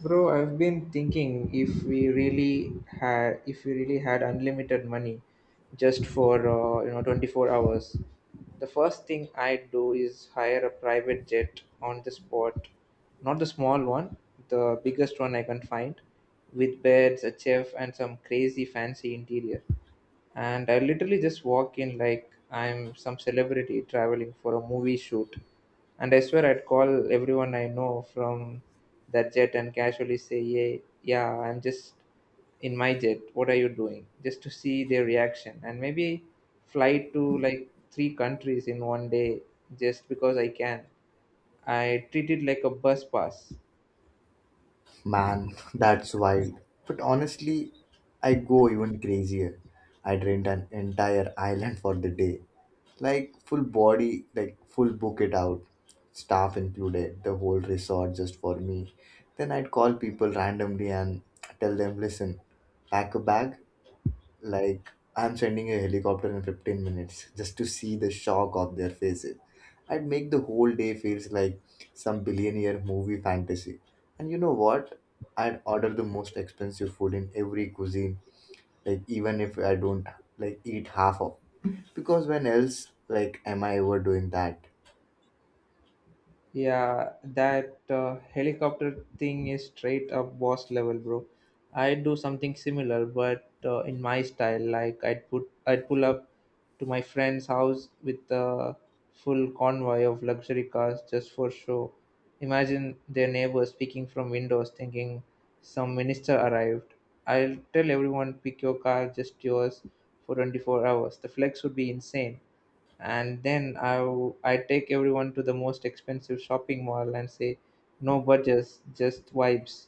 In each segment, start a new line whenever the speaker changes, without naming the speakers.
Bro, I've been thinking if we really had unlimited money just for 24 hours. The first thing I'd do is hire a private jet on the spot. Not the small one, the biggest one I can find, with beds, a chef and some crazy fancy interior, and I literally just walk in like I'm some celebrity traveling for a movie shoot. And I swear I'd call everyone I know from that jet and casually say, "Yeah, yeah, I'm just in my jet. What are you doing?" Just to see their reaction. And maybe fly to like three countries in one day just because I can. I treat it like a bus pass.
Man, that's wild. But honestly, I go even crazier. I rent an entire island for the day. Like full body, like full book it out. Staff included, the whole resort just for me. Then I'd call people randomly and tell them, listen, pack a bag, like, I'm sending a helicopter in 15 minutes just to see the shock of their faces. I'd make the whole day feels like some billionaire movie fantasy. And you know what? I'd order the most expensive food in every cuisine, like even if I don't like eat half of. Because when else like am I ever doing that?
Yeah, that helicopter thing is straight up boss level, bro. I would do something similar, but in my style. Like I'd pull up to my friend's house with a full convoy of luxury cars just for show. Imagine their neighbors peeking from windows, thinking some minister arrived. I'll tell everyone, pick your car, just yours, for 24 hours. The flex would be insane, and then I take everyone to the most expensive shopping mall and say, no budgets, just vibes.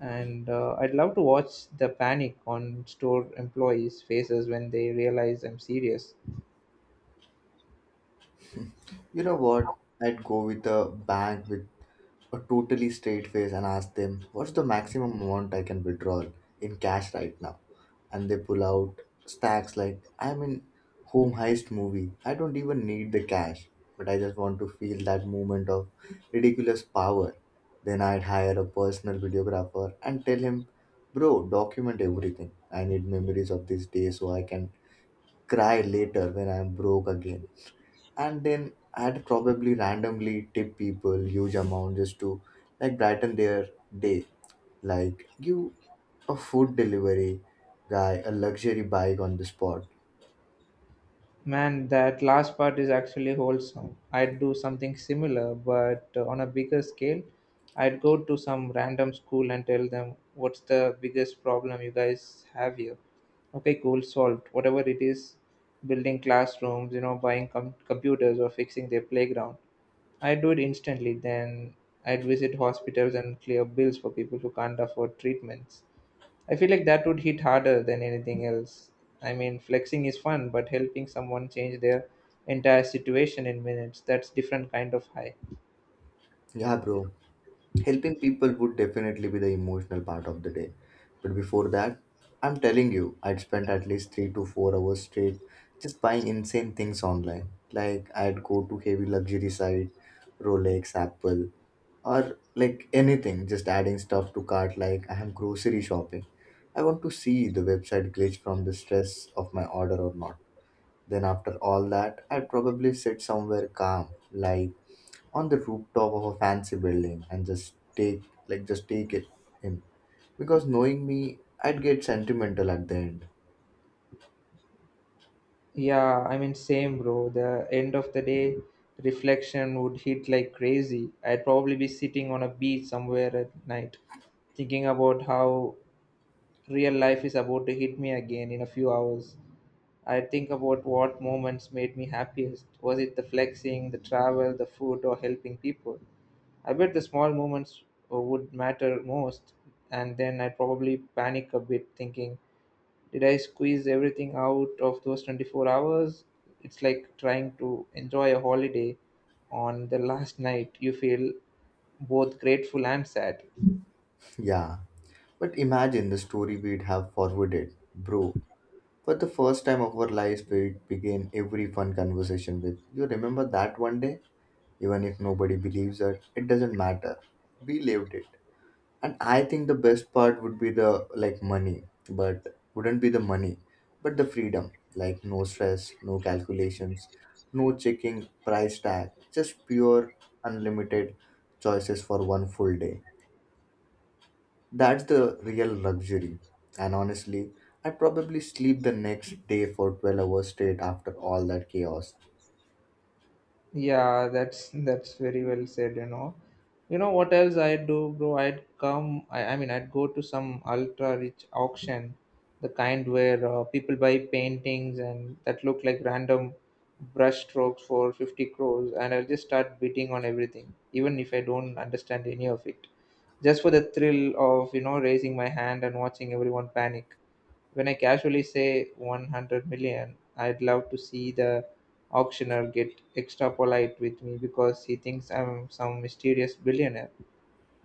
And I'd love to watch the panic on store employees' faces when they realize I'm serious.
You know what? I'd go with a bank with a totally straight face and ask them, what's the maximum amount I can withdraw in cash right now? And they pull out stacks like I'm in home heist movie. I don't even need the cash, but I just want to feel that moment of ridiculous power. Then I'd hire a personal videographer and tell him, bro, document everything. I need memories of this day so I can cry later when I'm broke again. And then I'd probably randomly tip people huge amount just to like brighten their day, like give a food delivery guy a luxury bike on the spot.
Man, that last part is actually wholesome. I'd do something similar, but on a bigger scale. I'd go to some random school and tell them, what's the biggest problem you guys have here? Okay, cool, solved. Whatever it is, building classrooms, you know, buying computers, or fixing their playground. I'd do it instantly. Then I'd visit hospitals and clear bills for people who can't afford treatments. I feel like that would hit harder than anything else. I mean, flexing is fun, but helping someone change their entire situation in minutes, that's different kind of high.
Yeah, bro. Helping people would definitely be the emotional part of the day. But before that, I'm telling you, I'd spend at least 3 to 4 hours straight just buying insane things online. Like I'd go to heavy luxury site, Rolex, Apple, or like anything, just adding stuff to cart like I am grocery shopping. I want to see the website glitch from the stress of my order or not. Then, after all that, I'd probably sit somewhere calm, like on the rooftop of a fancy building, and just take, like, just take it in. Because knowing me, I'd get sentimental at the end.
Yeah, I mean, same, bro. The end of the day reflection would hit like crazy. I'd probably be sitting on a beach somewhere at night, thinking about how real life is about to hit me again in a few hours. I'd think about what moments made me happiest. Was it the flexing, the travel, the food, or helping people? I bet the small moments would matter most, and then I'd probably panic a bit, thinking did I squeeze everything out of those 24 hours? It's like trying to enjoy a holiday on the last night. You feel both grateful and sad.
Yeah, but imagine the story we'd have forwarded, bro. For the first time of our lives, we'd begin every fun conversation with, you remember that one day? Even if nobody believes it, it doesn't matter. We lived it. And I think the best part would be the, like, money, but wouldn't be the money but the freedom. Like no stress, no calculations, no checking price tag, just pure unlimited choices for one full day. That's the real luxury. And honestly, I'd probably sleep the next day for 12 hours straight after all that chaos.
Yeah, that's very well said, you know. You know what else I'd do, bro? I'd come, I mean, I'd go to some ultra rich auction, the kind where people buy paintings and that look like random brush strokes for 50 crores, and I'll just start bidding on everything, even if I don't understand any of it, just for the thrill of, you know, raising my hand and watching everyone panic. When I casually say 100 million, I'd love to see the auctioneer get extra polite with me because he thinks I'm some mysterious billionaire.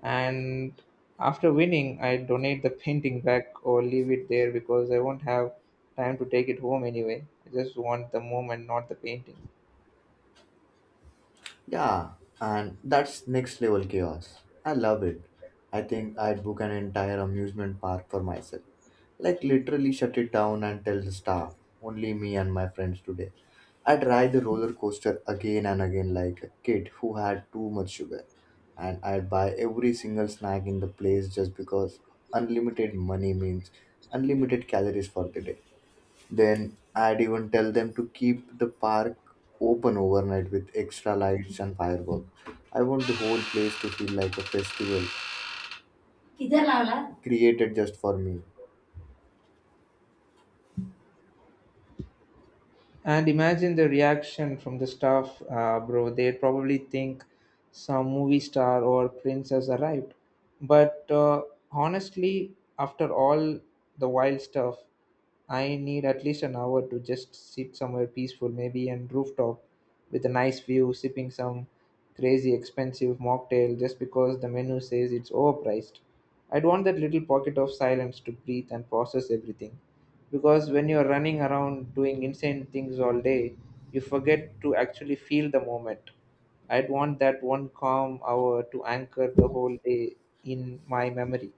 And after winning, I donate the painting back or leave it there because I won't have time to take it home anyway. I just want the moment, not the painting.
Yeah, and that's next level chaos. I love it. I think I'd book an entire amusement park for myself. Like literally shut it down and tell the staff, only me and my friends today. I'd ride the roller coaster again and again like a kid who had too much sugar. And I'd buy every single snack in the place just because unlimited money means unlimited calories for the day. Then I'd even tell them to keep the park open overnight with extra lights and fireworks. I want the whole place to feel like a festival created just for me.
And imagine the reaction from the staff, bro. They'd probably think some movie star or prince has arrived. But honestly, after all the wild stuff, I need at least an hour to just sit somewhere peaceful, maybe on rooftop with a nice view, sipping some crazy expensive mocktail just because the menu says it's overpriced. I'd want that little pocket of silence to breathe and process everything, because when you're running around doing insane things all day, you forget to actually feel the moment. I'd want that one calm hour to anchor the whole day in my memory.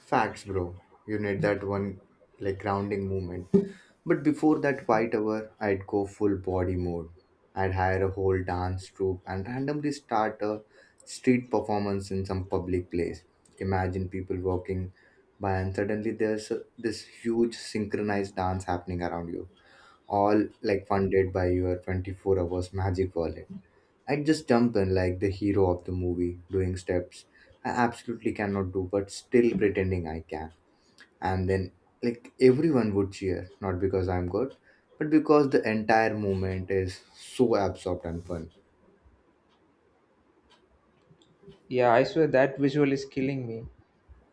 Facts, bro. You need that one like grounding movement. But before that quiet hour, I'd go full body mode. I'd hire a whole dance troupe and randomly start a street performance in some public place. Imagine people walking by and suddenly this huge synchronized dance happening around you. All like funded by your 24 hours magic wallet. I'd just jump in like the hero of the movie, doing steps I absolutely cannot do, but still pretending I can. And then, like, everyone would cheer, not because I'm good, but because the entire movement is so absorbed and fun.
Yeah, I swear that visual is killing me.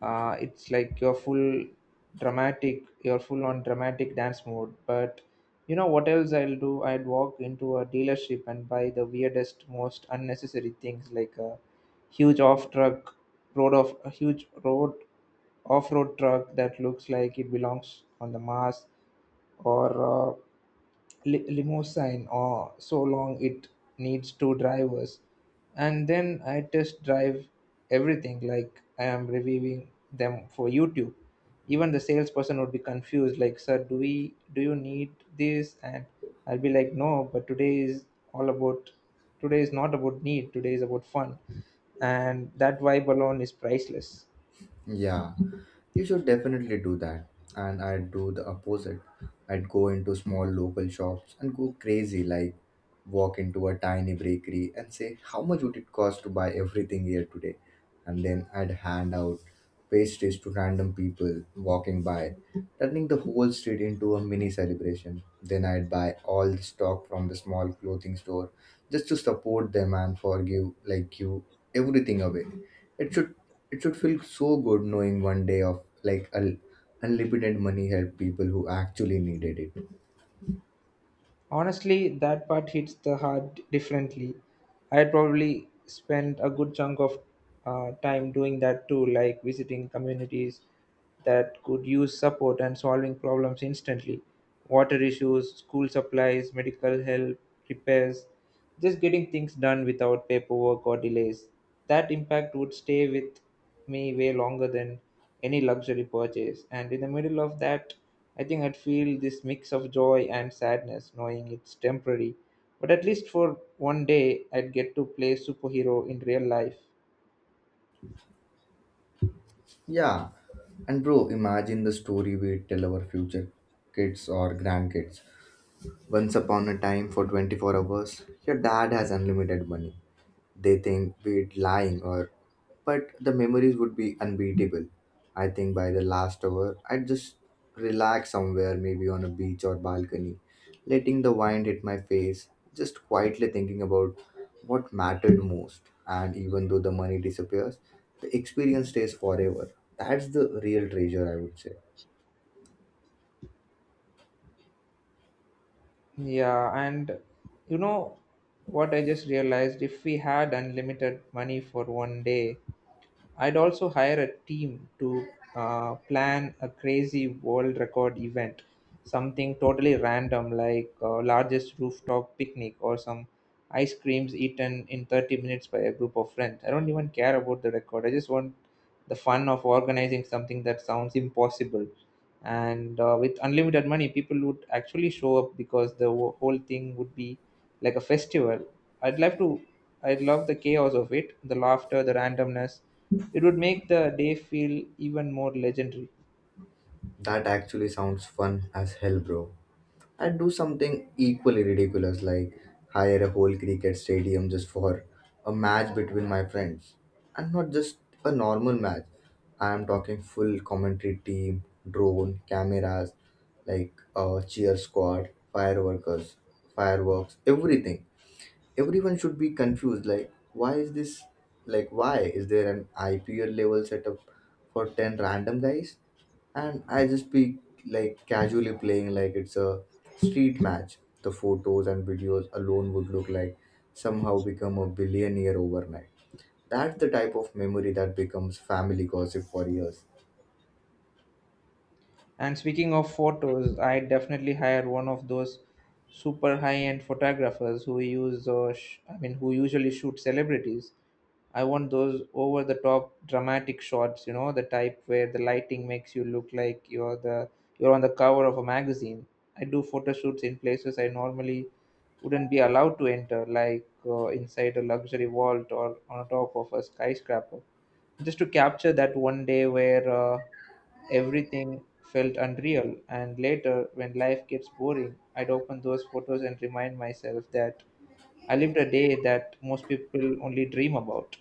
It's like you're full on dramatic dance mode. But you know what else I'll do? I'd walk into a dealership and buy the weirdest, most unnecessary things, like a huge off truck huge road off-road truck that looks like it belongs on the Mars, or limousine or so long it needs two drivers. And then I test drive everything like I am reviewing them for YouTube. Even the salesperson would be confused, like, "Sir, do you need this?" And I'll be like, "No, but all about today is not about need. Today is about fun, and that vibe alone is priceless."
Yeah, you should definitely do that. And I'd do the opposite. I'd go into small local shops and go crazy, like walk into a tiny bakery and say, how much would it cost to buy everything here today? And then I'd hand out pastries to random people walking by, turning the whole street into a mini celebration. Then I'd buy all the stock from the small clothing store just to support them and forgive, like, you everything away. It should it should feel so good knowing one day of like a unlimited money help people who actually needed it.
Honestly, that part hits the heart differently. I'd probably spend a good chunk of time doing that too, like visiting communities that could use support and solving problems instantly. Water issues, school supplies, medical help, repairs, just getting things done without paperwork or delays. That impact would stay with me way longer than any luxury purchase. And in the middle of that, I think I'd feel this mix of joy and sadness, knowing it's temporary. But at least for one day, I'd get to play superhero in real life.
Yeah, and bro, imagine the story we tell our future kids or grandkids. Once upon a time, for 24 hours, your dad has unlimited money. They think we're lying or but the memories would be unbeatable. I think by the last hour I'd just relax somewhere, maybe on a beach or balcony, letting the wind hit my face, just quietly thinking about what mattered most. And even though the money disappears, the experience stays forever. That's the real treasure, I would say.
Yeah, and you know what I just realized? If we had unlimited money for one day, I'd also hire a team to plan a crazy world record event, something totally random like largest rooftop picnic or some ice creams eaten in 30 minutes by a group of friends. I don't even care about the record. I just want the fun of organizing something that sounds impossible. And with unlimited money, people would actually show up because the whole thing would be like a festival. I'd love to. I'd love the chaos of it, the laughter, the randomness. It would make the day feel even more legendary.
That actually sounds fun as hell, bro. And do something equally ridiculous, like hire a whole cricket stadium just for a match between my friends. And not just a normal match, I am talking full commentary team, drone cameras, like a cheer squad, fireworkers, fireworks, everything. Everyone should be confused, like why is this, like why is there an IPL level setup for 10 random guys? And I just be like casually playing like it's a street match. The photos and videos alone would look like somehow become a billionaire overnight. That's the type of memory that becomes family gossip for years.
And speaking of photos, I definitely hire one of those super high-end photographers who use, sh- I mean, who usually shoot celebrities. I want those over-the-top dramatic shots, you know, the type where the lighting makes you look like you're on the cover of a magazine. I do photo shoots in places I normally wouldn't be allowed to enter, like inside a luxury vault or on top of a skyscraper, just to capture that one day where everything felt unreal, and later, when life gets boring, I'd open those photos and remind myself that I lived a day that most people only dream about.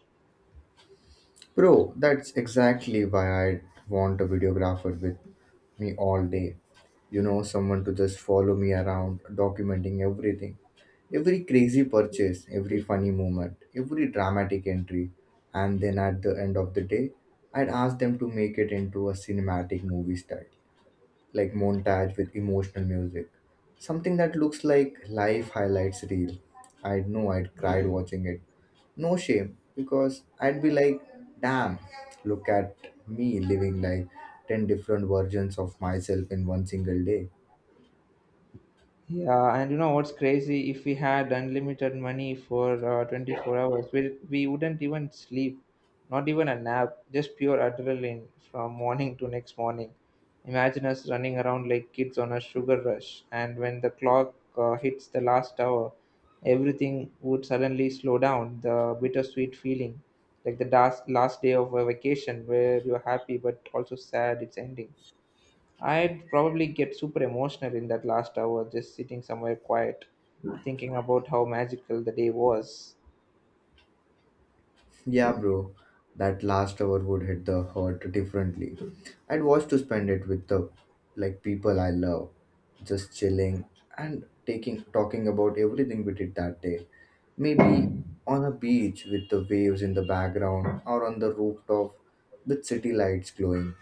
Bro, that's exactly why I want a videographer with me all day. You know, someone to just follow me around, documenting everything. Every crazy purchase, every funny moment, every dramatic entry. And then at the end of the day, I'd ask them to make it into a cinematic movie style like montage with emotional music. Something that looks like life highlights reel. I know I'd cried watching it. No shame, because I'd be like, damn, look at me living like 10 different versions of myself in one single day.
Yeah, and you know what's crazy? If we had unlimited money for 24 hours, we wouldn't even sleep, not even a nap, just pure adrenaline from morning to next morning. Imagine us running around like kids on a sugar rush, and when the clock hits the last hour, everything would suddenly slow down. The bittersweet feeling, like the last day of a vacation where you're happy but also sad it's ending. I'd probably get super emotional in that last hour, just sitting somewhere quiet, thinking about how magical the day was.
Yeah, bro. That last hour would hit the hurt differently. I'd want to spend it with the like people I love, just chilling and taking talking about everything we did that day. Maybe on a beach with the waves in the background or on the rooftop with city lights glowing.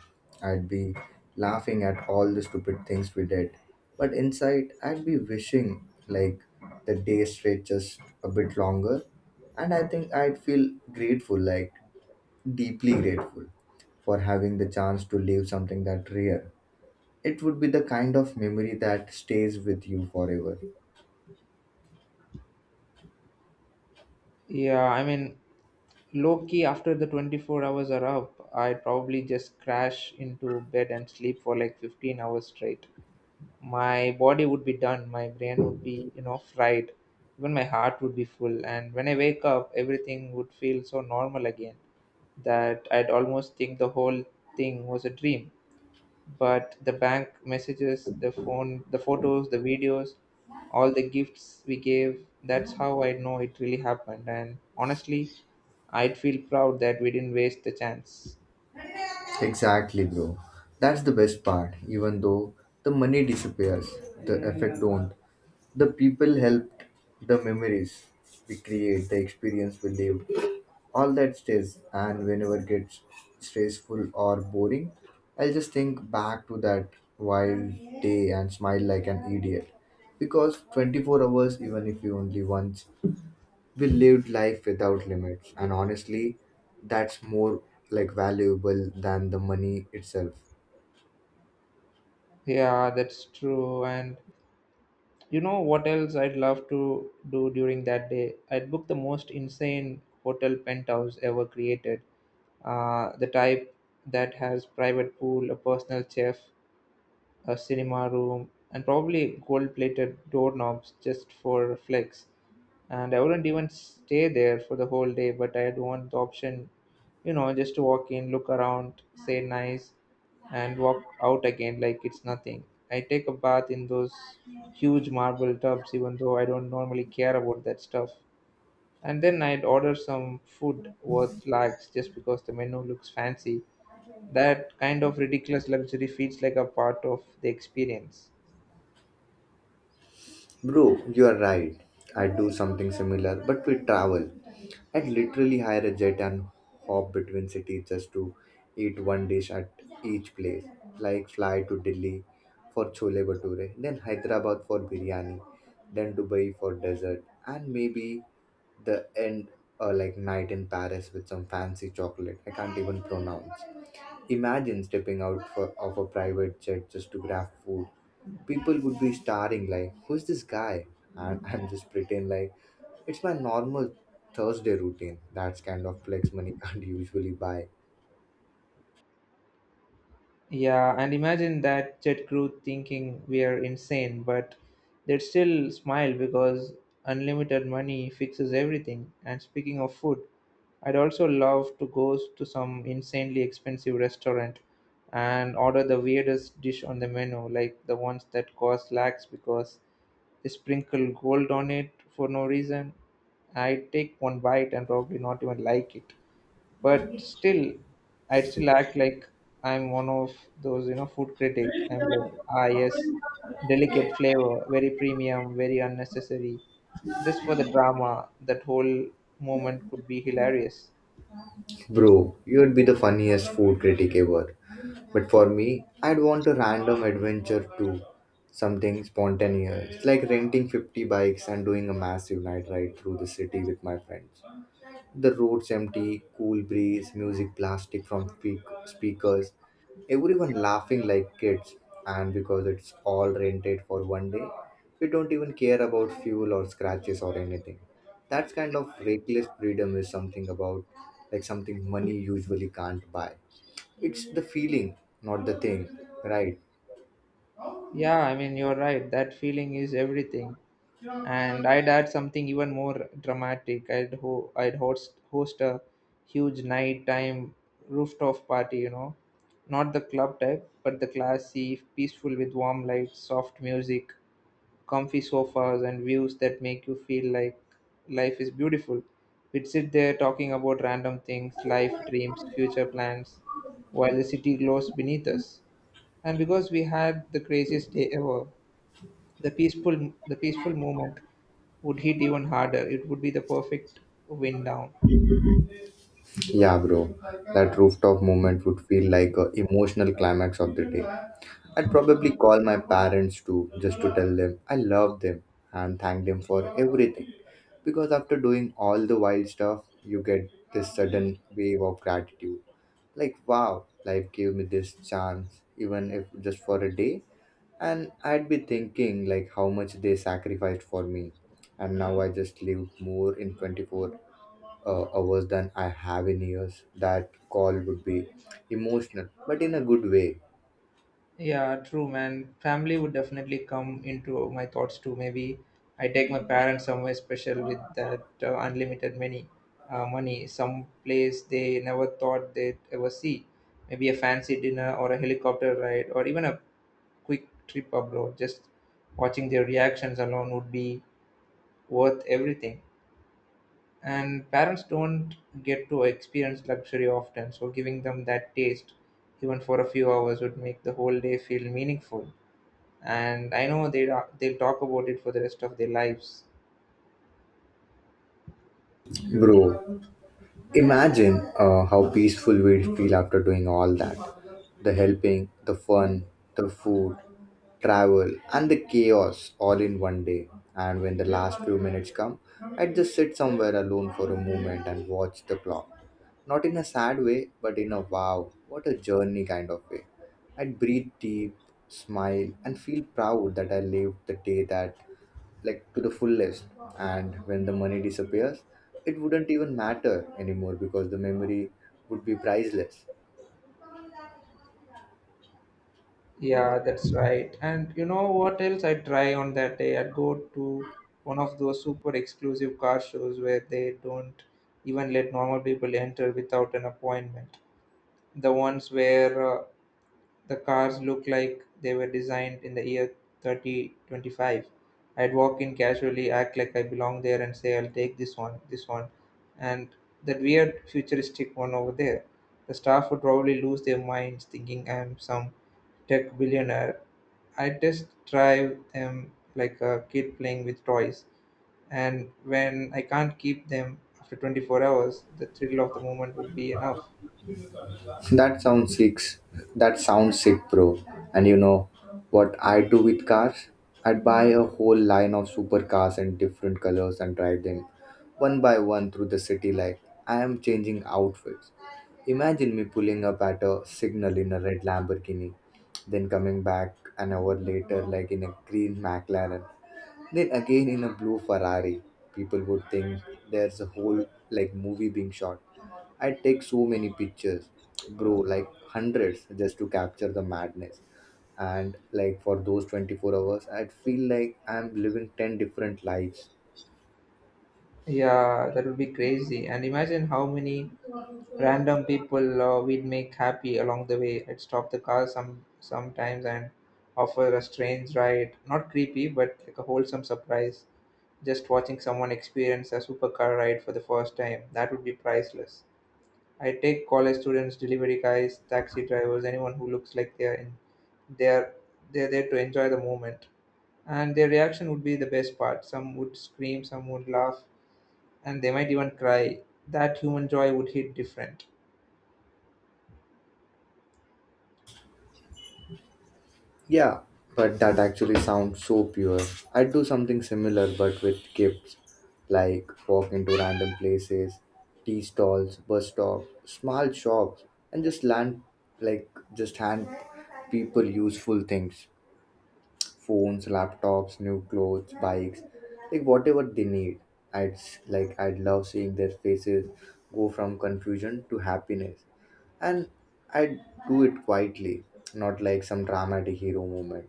I'd be laughing at all the stupid things we did. But inside I'd be wishing like the day stretches a bit longer. And I think I'd feel grateful, like deeply grateful, for having the chance to live something that rare. It would be the kind of memory that stays with you forever.
Yeah, I mean, low key, after the 24 hours are up, I'd probably just crash into bed and sleep for like 15 hours straight. My body would be done, my brain would be, you know, fried, even my heart would be full. And when I wake up, everything would feel so normal again that I'd almost think the whole thing was a dream. But the bank messages, the phone, the photos, the videos, all the gifts we gave, that's how I know it really happened. And honestly, I'd feel proud that we didn't waste the chance.
Exactly, bro. That's the best part. Even though the money disappears, the effect don't. The people helped, the memories we create, the experience we live, all that stays. And whenever it gets stressful or boring, I'll just think back to that wild day and smile like an idiot. Because 24 hours, even if you only once, we lived life without limits. And honestly, that's more like valuable than the money itself.
Yeah, that's true. And you know what else I'd love to do during that day? I'd book the most insane hotel penthouse ever created, the type that has private pool, a personal chef, a cinema room, and probably gold plated doorknobs just for flex. And I wouldn't even stay there for the whole day, but I'd want the option, you know, just to walk in, look around, say nice, and walk out again like it's nothing. I take a bath in those huge marble tubs, even though I don't normally care about that stuff. And then I'd order some food worth lakhs just because the menu looks fancy. That kind of ridiculous luxury feels like a part of the experience.
Bro, you are right. I do something similar but we travel. I literally hire a jet and hop between cities just to eat one dish at each place. Like fly to Delhi for chole bhature, then Hyderabad for biryani, then Dubai for dessert, and maybe the end, like night in Paris with some fancy chocolate I can't even pronounce. Imagine stepping out for, of a private jet just to grab food. People would be staring like, who's this guy? And I'm just pretend like it's my normal Thursday routine. That's kind of flex money can't usually buy.
Yeah, and imagine that jet crew thinking we are insane, but they'd still smile because unlimited money fixes everything. And speaking of food, I'd also love to go to some insanely expensive restaurant and order the weirdest dish on the menu, like the ones that cost lakhs because they sprinkle gold on it for no reason. I'd take one bite and probably not even like it. But still, I'd still act like I'm one of those, you know, food critic. I'm like, ah, yes, delicate flavor, very premium, very unnecessary, just for the drama. That whole moment could be hilarious.
Bro, you'd be the funniest food critic ever. But for me, I'd want a random adventure too. Something spontaneous, like renting 50 bikes and doing a massive night ride through the city with my friends. The roads empty, cool breeze, music blasting from speakers, everyone laughing like kids. And because it's all rented for one day, we don't even care about fuel or scratches or anything. That kind of reckless freedom is something about like something money usually can't buy. It's the feeling, not the thing, right?
Yeah, I mean, you're right. That feeling is everything. And I'd add something even more dramatic. I'd host a huge nighttime rooftop party. Not the club type, but the classy, peaceful with warm lights, soft music, comfy sofas, and views that make you feel like life is beautiful. We'd sit there talking about random things, life, dreams, future plans, while the city glows beneath us. And because we had the craziest day ever, the peaceful movement would hit even harder. It would be the perfect win down.
Yeah, bro. That rooftop moment would feel like a emotional climax of the day. I'd probably call my parents too, just to tell them I love them and thank them for everything. Because after doing all the wild stuff, you get this sudden wave of gratitude. Like, wow, life gave me this chance, even if just for a day. And I'd be thinking, like, how much they sacrificed for me. And now I just live more in 24 hours than I have in years. That call would be emotional, but in a good way,
Yeah, true, man. Family would definitely come into my thoughts too. Maybe I take my parents somewhere special with that unlimited money, some place they never thought they'd ever see. Maybe a fancy dinner or a helicopter ride or even a quick trip abroad. Just watching their reactions alone would be worth everything. And parents don't get to experience luxury often, so giving them that taste even for a few hours would make the whole day feel meaningful. And I know they'll talk about it for the rest of their lives.
bro. Imagine how peaceful we'd feel after doing all that. The helping, the fun, the food, travel, and the chaos all in one day. And when the last few minutes come, I'd just sit somewhere alone for a moment and watch the clock. Not in a sad way, but in a wow, what a journey kind of way. I'd breathe deep, smile, and feel proud that I lived the day that like to the fullest. And when the money disappears, it wouldn't even matter anymore because the memory would be priceless.
Yeah, that's right. And you know what else I try on that day? I'd go to one of those super exclusive car shows where they don't even let normal people enter without an appointment, the ones where the cars look like they were designed in the year 3025. I'd walk in casually, act like I belong there, and say, "I'll take this one, and that weird futuristic one over there." The staff would probably lose their minds thinking I'm some tech billionaire. I just drive them like a kid playing with toys. And when I can't keep them after 24 hours, the thrill of the moment would be enough.
That sounds sick. That sounds sick, bro. And you know what I do with cars, I'd buy a whole line of supercars in different colors and drive them one by one through the city like I am changing outfits. Imagine me pulling up at a signal in a red Lamborghini, then coming back an hour later like in a green McLaren, then again in a blue Ferrari. People would think there's a whole like movie being shot. I take so many pictures, bro, like hundreds just to capture the madness. And like for those 24 hours, I'd feel like I'm living 10 different lives.
Yeah, that would be crazy. And imagine how many random people we'd make happy along the way. I'd stop the car sometimes and offer a strange ride. Not creepy, but like a wholesome surprise. Just watching someone experience a supercar ride for the first time. That would be priceless. I take college students, delivery guys, taxi drivers, anyone who looks like they're they're there to enjoy the moment. And their reaction would be the best part. Some would scream, some would laugh, and they might even cry. That human joy would hit different.
Yeah, but that actually sounds so pure. I'd do something similar but with gifts, like walk into random places, tea stalls, bus stops, small shops, and just land like just hand people useful things, phones, laptops, new clothes, bikes, like whatever they need. Like I'd love seeing their faces go from confusion to happiness, and I'd do it quietly, not like some dramatic hero moment.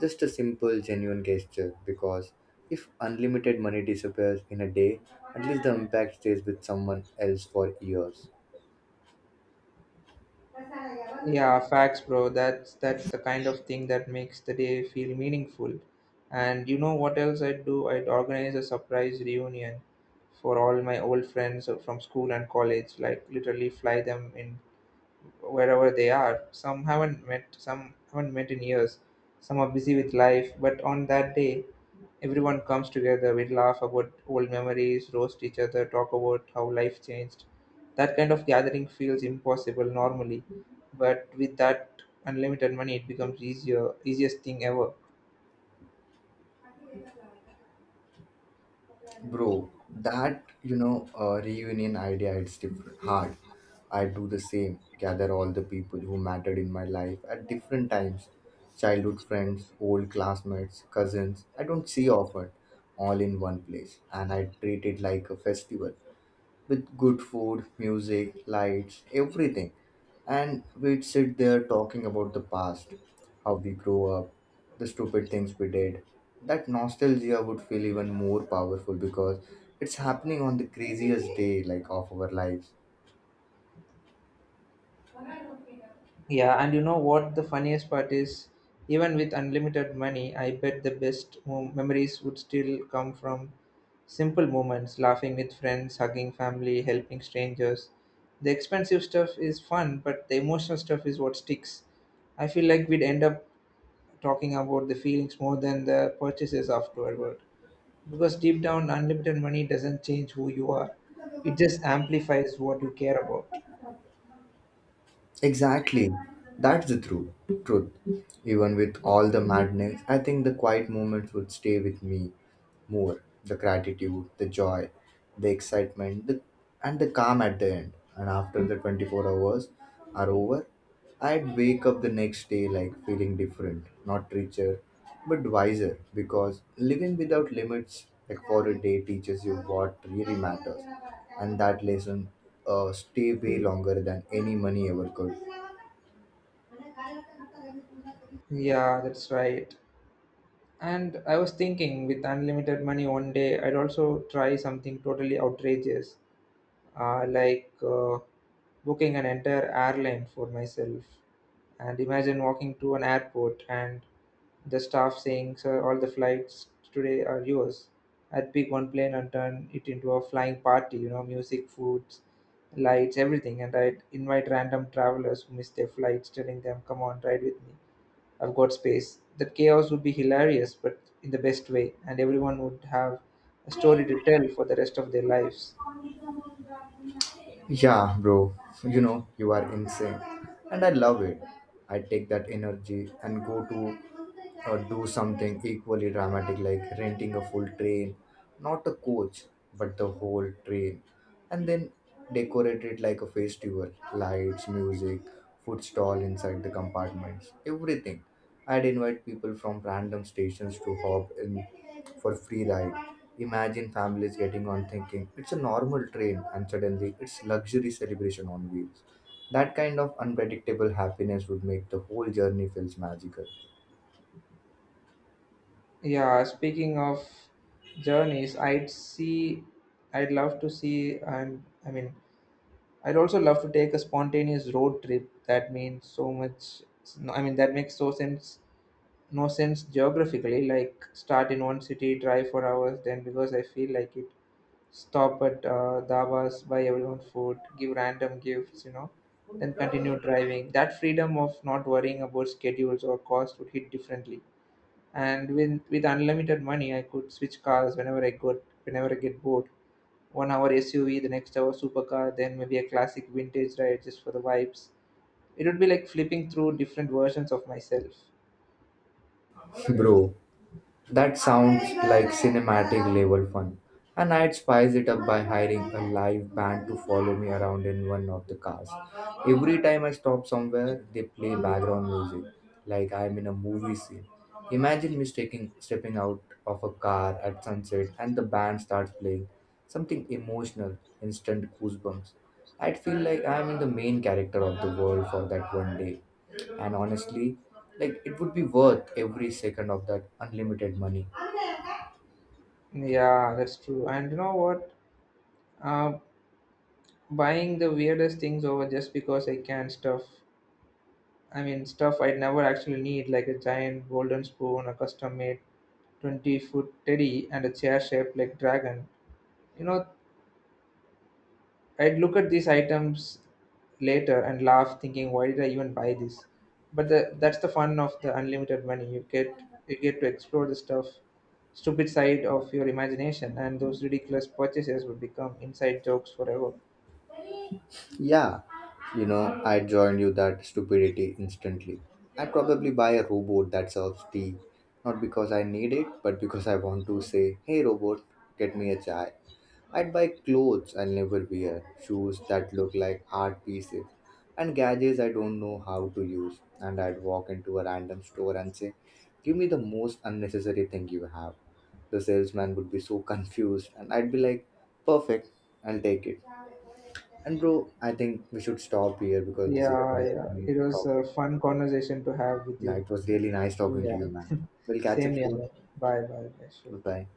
Just a simple, genuine gesture. Because if unlimited money disappears in a day, at least the impact stays with someone else for years.
Yeah, facts, bro. That's the kind of thing that makes the day feel meaningful. And you know what else I'd do? I'd organize a surprise reunion for all my old friends from school and college. Like literally fly them in wherever they are. Some haven't met in years. Some are busy with life, but on that day, everyone comes together. We laugh about old memories, roast each other, talk about how life changed. That kind of gathering feels impossible normally, but with that unlimited money, it becomes easier, easiest thing ever.
Bro, that reunion idea, it's different, hard. I do the same, gather all the people who mattered in my life at different times, childhood friends, old classmates, cousins I don't see often, all in one place, and I treat it like a festival with good food, music, lights, everything. And we'd sit there talking about the past, how we grew up, the stupid things we did. That nostalgia would feel even more powerful because it's happening on the craziest day like of our lives.
Yeah, and you know what the funniest part is? Even with unlimited money, I bet the best memories would still come from simple moments, laughing with friends, hugging family, helping strangers. The expensive stuff is fun, but the emotional stuff is what sticks. I feel like we'd end up talking about the feelings more than the purchases afterward. Because deep down, unlimited money doesn't change who you are, it just amplifies what you care about.
Exactly. That's the true truth. Even with all the madness, I think the quiet moments would stay with me more. The gratitude, the joy, the excitement, the, and the calm at the end. And after the 24 hours are over, I'd wake up the next day like feeling different, not richer, but wiser because living without limits like for a day teaches you what really matters, and that lesson stay way longer than any money ever could.
Yeah, that's right. And I was thinking, with unlimited money one day, I'd also try something totally outrageous, like booking an entire airline for myself. And imagine walking to an airport and the staff saying, "Sir, all the flights today are yours." I'd pick one plane and turn it into a flying party, you know, music, foods, lights, everything. And I'd invite random travelers who miss their flights, telling them, "Come on, ride with me. I've got space." That chaos would be hilarious, but in the best way, and everyone would have a story to tell for the rest of their lives.
Yeah, bro, you know, you are insane. And I love it. I take that energy and go to do something equally dramatic like renting a full train, not a coach, but the whole train, and then decorate it like a festival, lights, music, food stall inside the compartments, everything. I'd invite people from random stations to hop in for free ride. Imagine families getting on thinking it's a normal train and suddenly it's luxury celebration on wheels. That kind of unpredictable happiness would make the whole journey feels magical.
Yeah, speaking of journeys, I'd love to see, I'd also love to take a spontaneous road trip. That means so much. No, I mean, That makes no sense geographically. Like start in one city, drive for hours, then because I feel like it, stop at dhabas, buy everyone food, give random gifts, you know, then continue driving. That freedom of not worrying about schedules or cost would hit differently. And with unlimited money, I could switch cars whenever I get bored. One hour SUV, the next hour supercar, then maybe a classic vintage ride just for the vibes. It would be like flipping through different versions of myself.
Bro, that sounds like cinematic level fun. And I'd spice it up by hiring a live band to follow me around in one of the cars. Every time I stop somewhere, they play background music, like I'm in a movie scene. Imagine me stepping out of a car at sunset and the band starts playing something emotional, instant goosebumps. I'd feel like I'm in the main character of the world for that one day. And honestly, like it would be worth every second of that unlimited money.
Yeah, that's true. And you know what? Uh, Buying the weirdest things over just because I can, stuff I'd never actually need, like a giant golden spoon, a custom made 20-foot teddy, and a chair shaped like dragon. You know, I'd look at these items later and laugh, thinking, why did I even buy this? But that's the fun of the unlimited money. You get to explore stupid side of your imagination, and those ridiculous purchases would become inside jokes forever.
Yeah, you know, I joined you that stupidity instantly. I'd probably buy a robot that serves tea, not because I need it, but because I want to say, hey robot, get me a chai. I'd buy clothes I'll never wear, shoes that look like art pieces, and gadgets I don't know how to use. And I'd walk into a random store and say, give me the most unnecessary thing you have. The salesman would be so confused and I'd be like, perfect, I'll take it. And bro, I think we should stop here because this is a
Yeah, yeah.
never
It was a
topic.
fun conversation to have with
Yeah,
you.
it was really nice talking to
Yeah.
you, man. We'll catch up
Same here,
soon.
man. Bye.
Bye
Sure.
bye.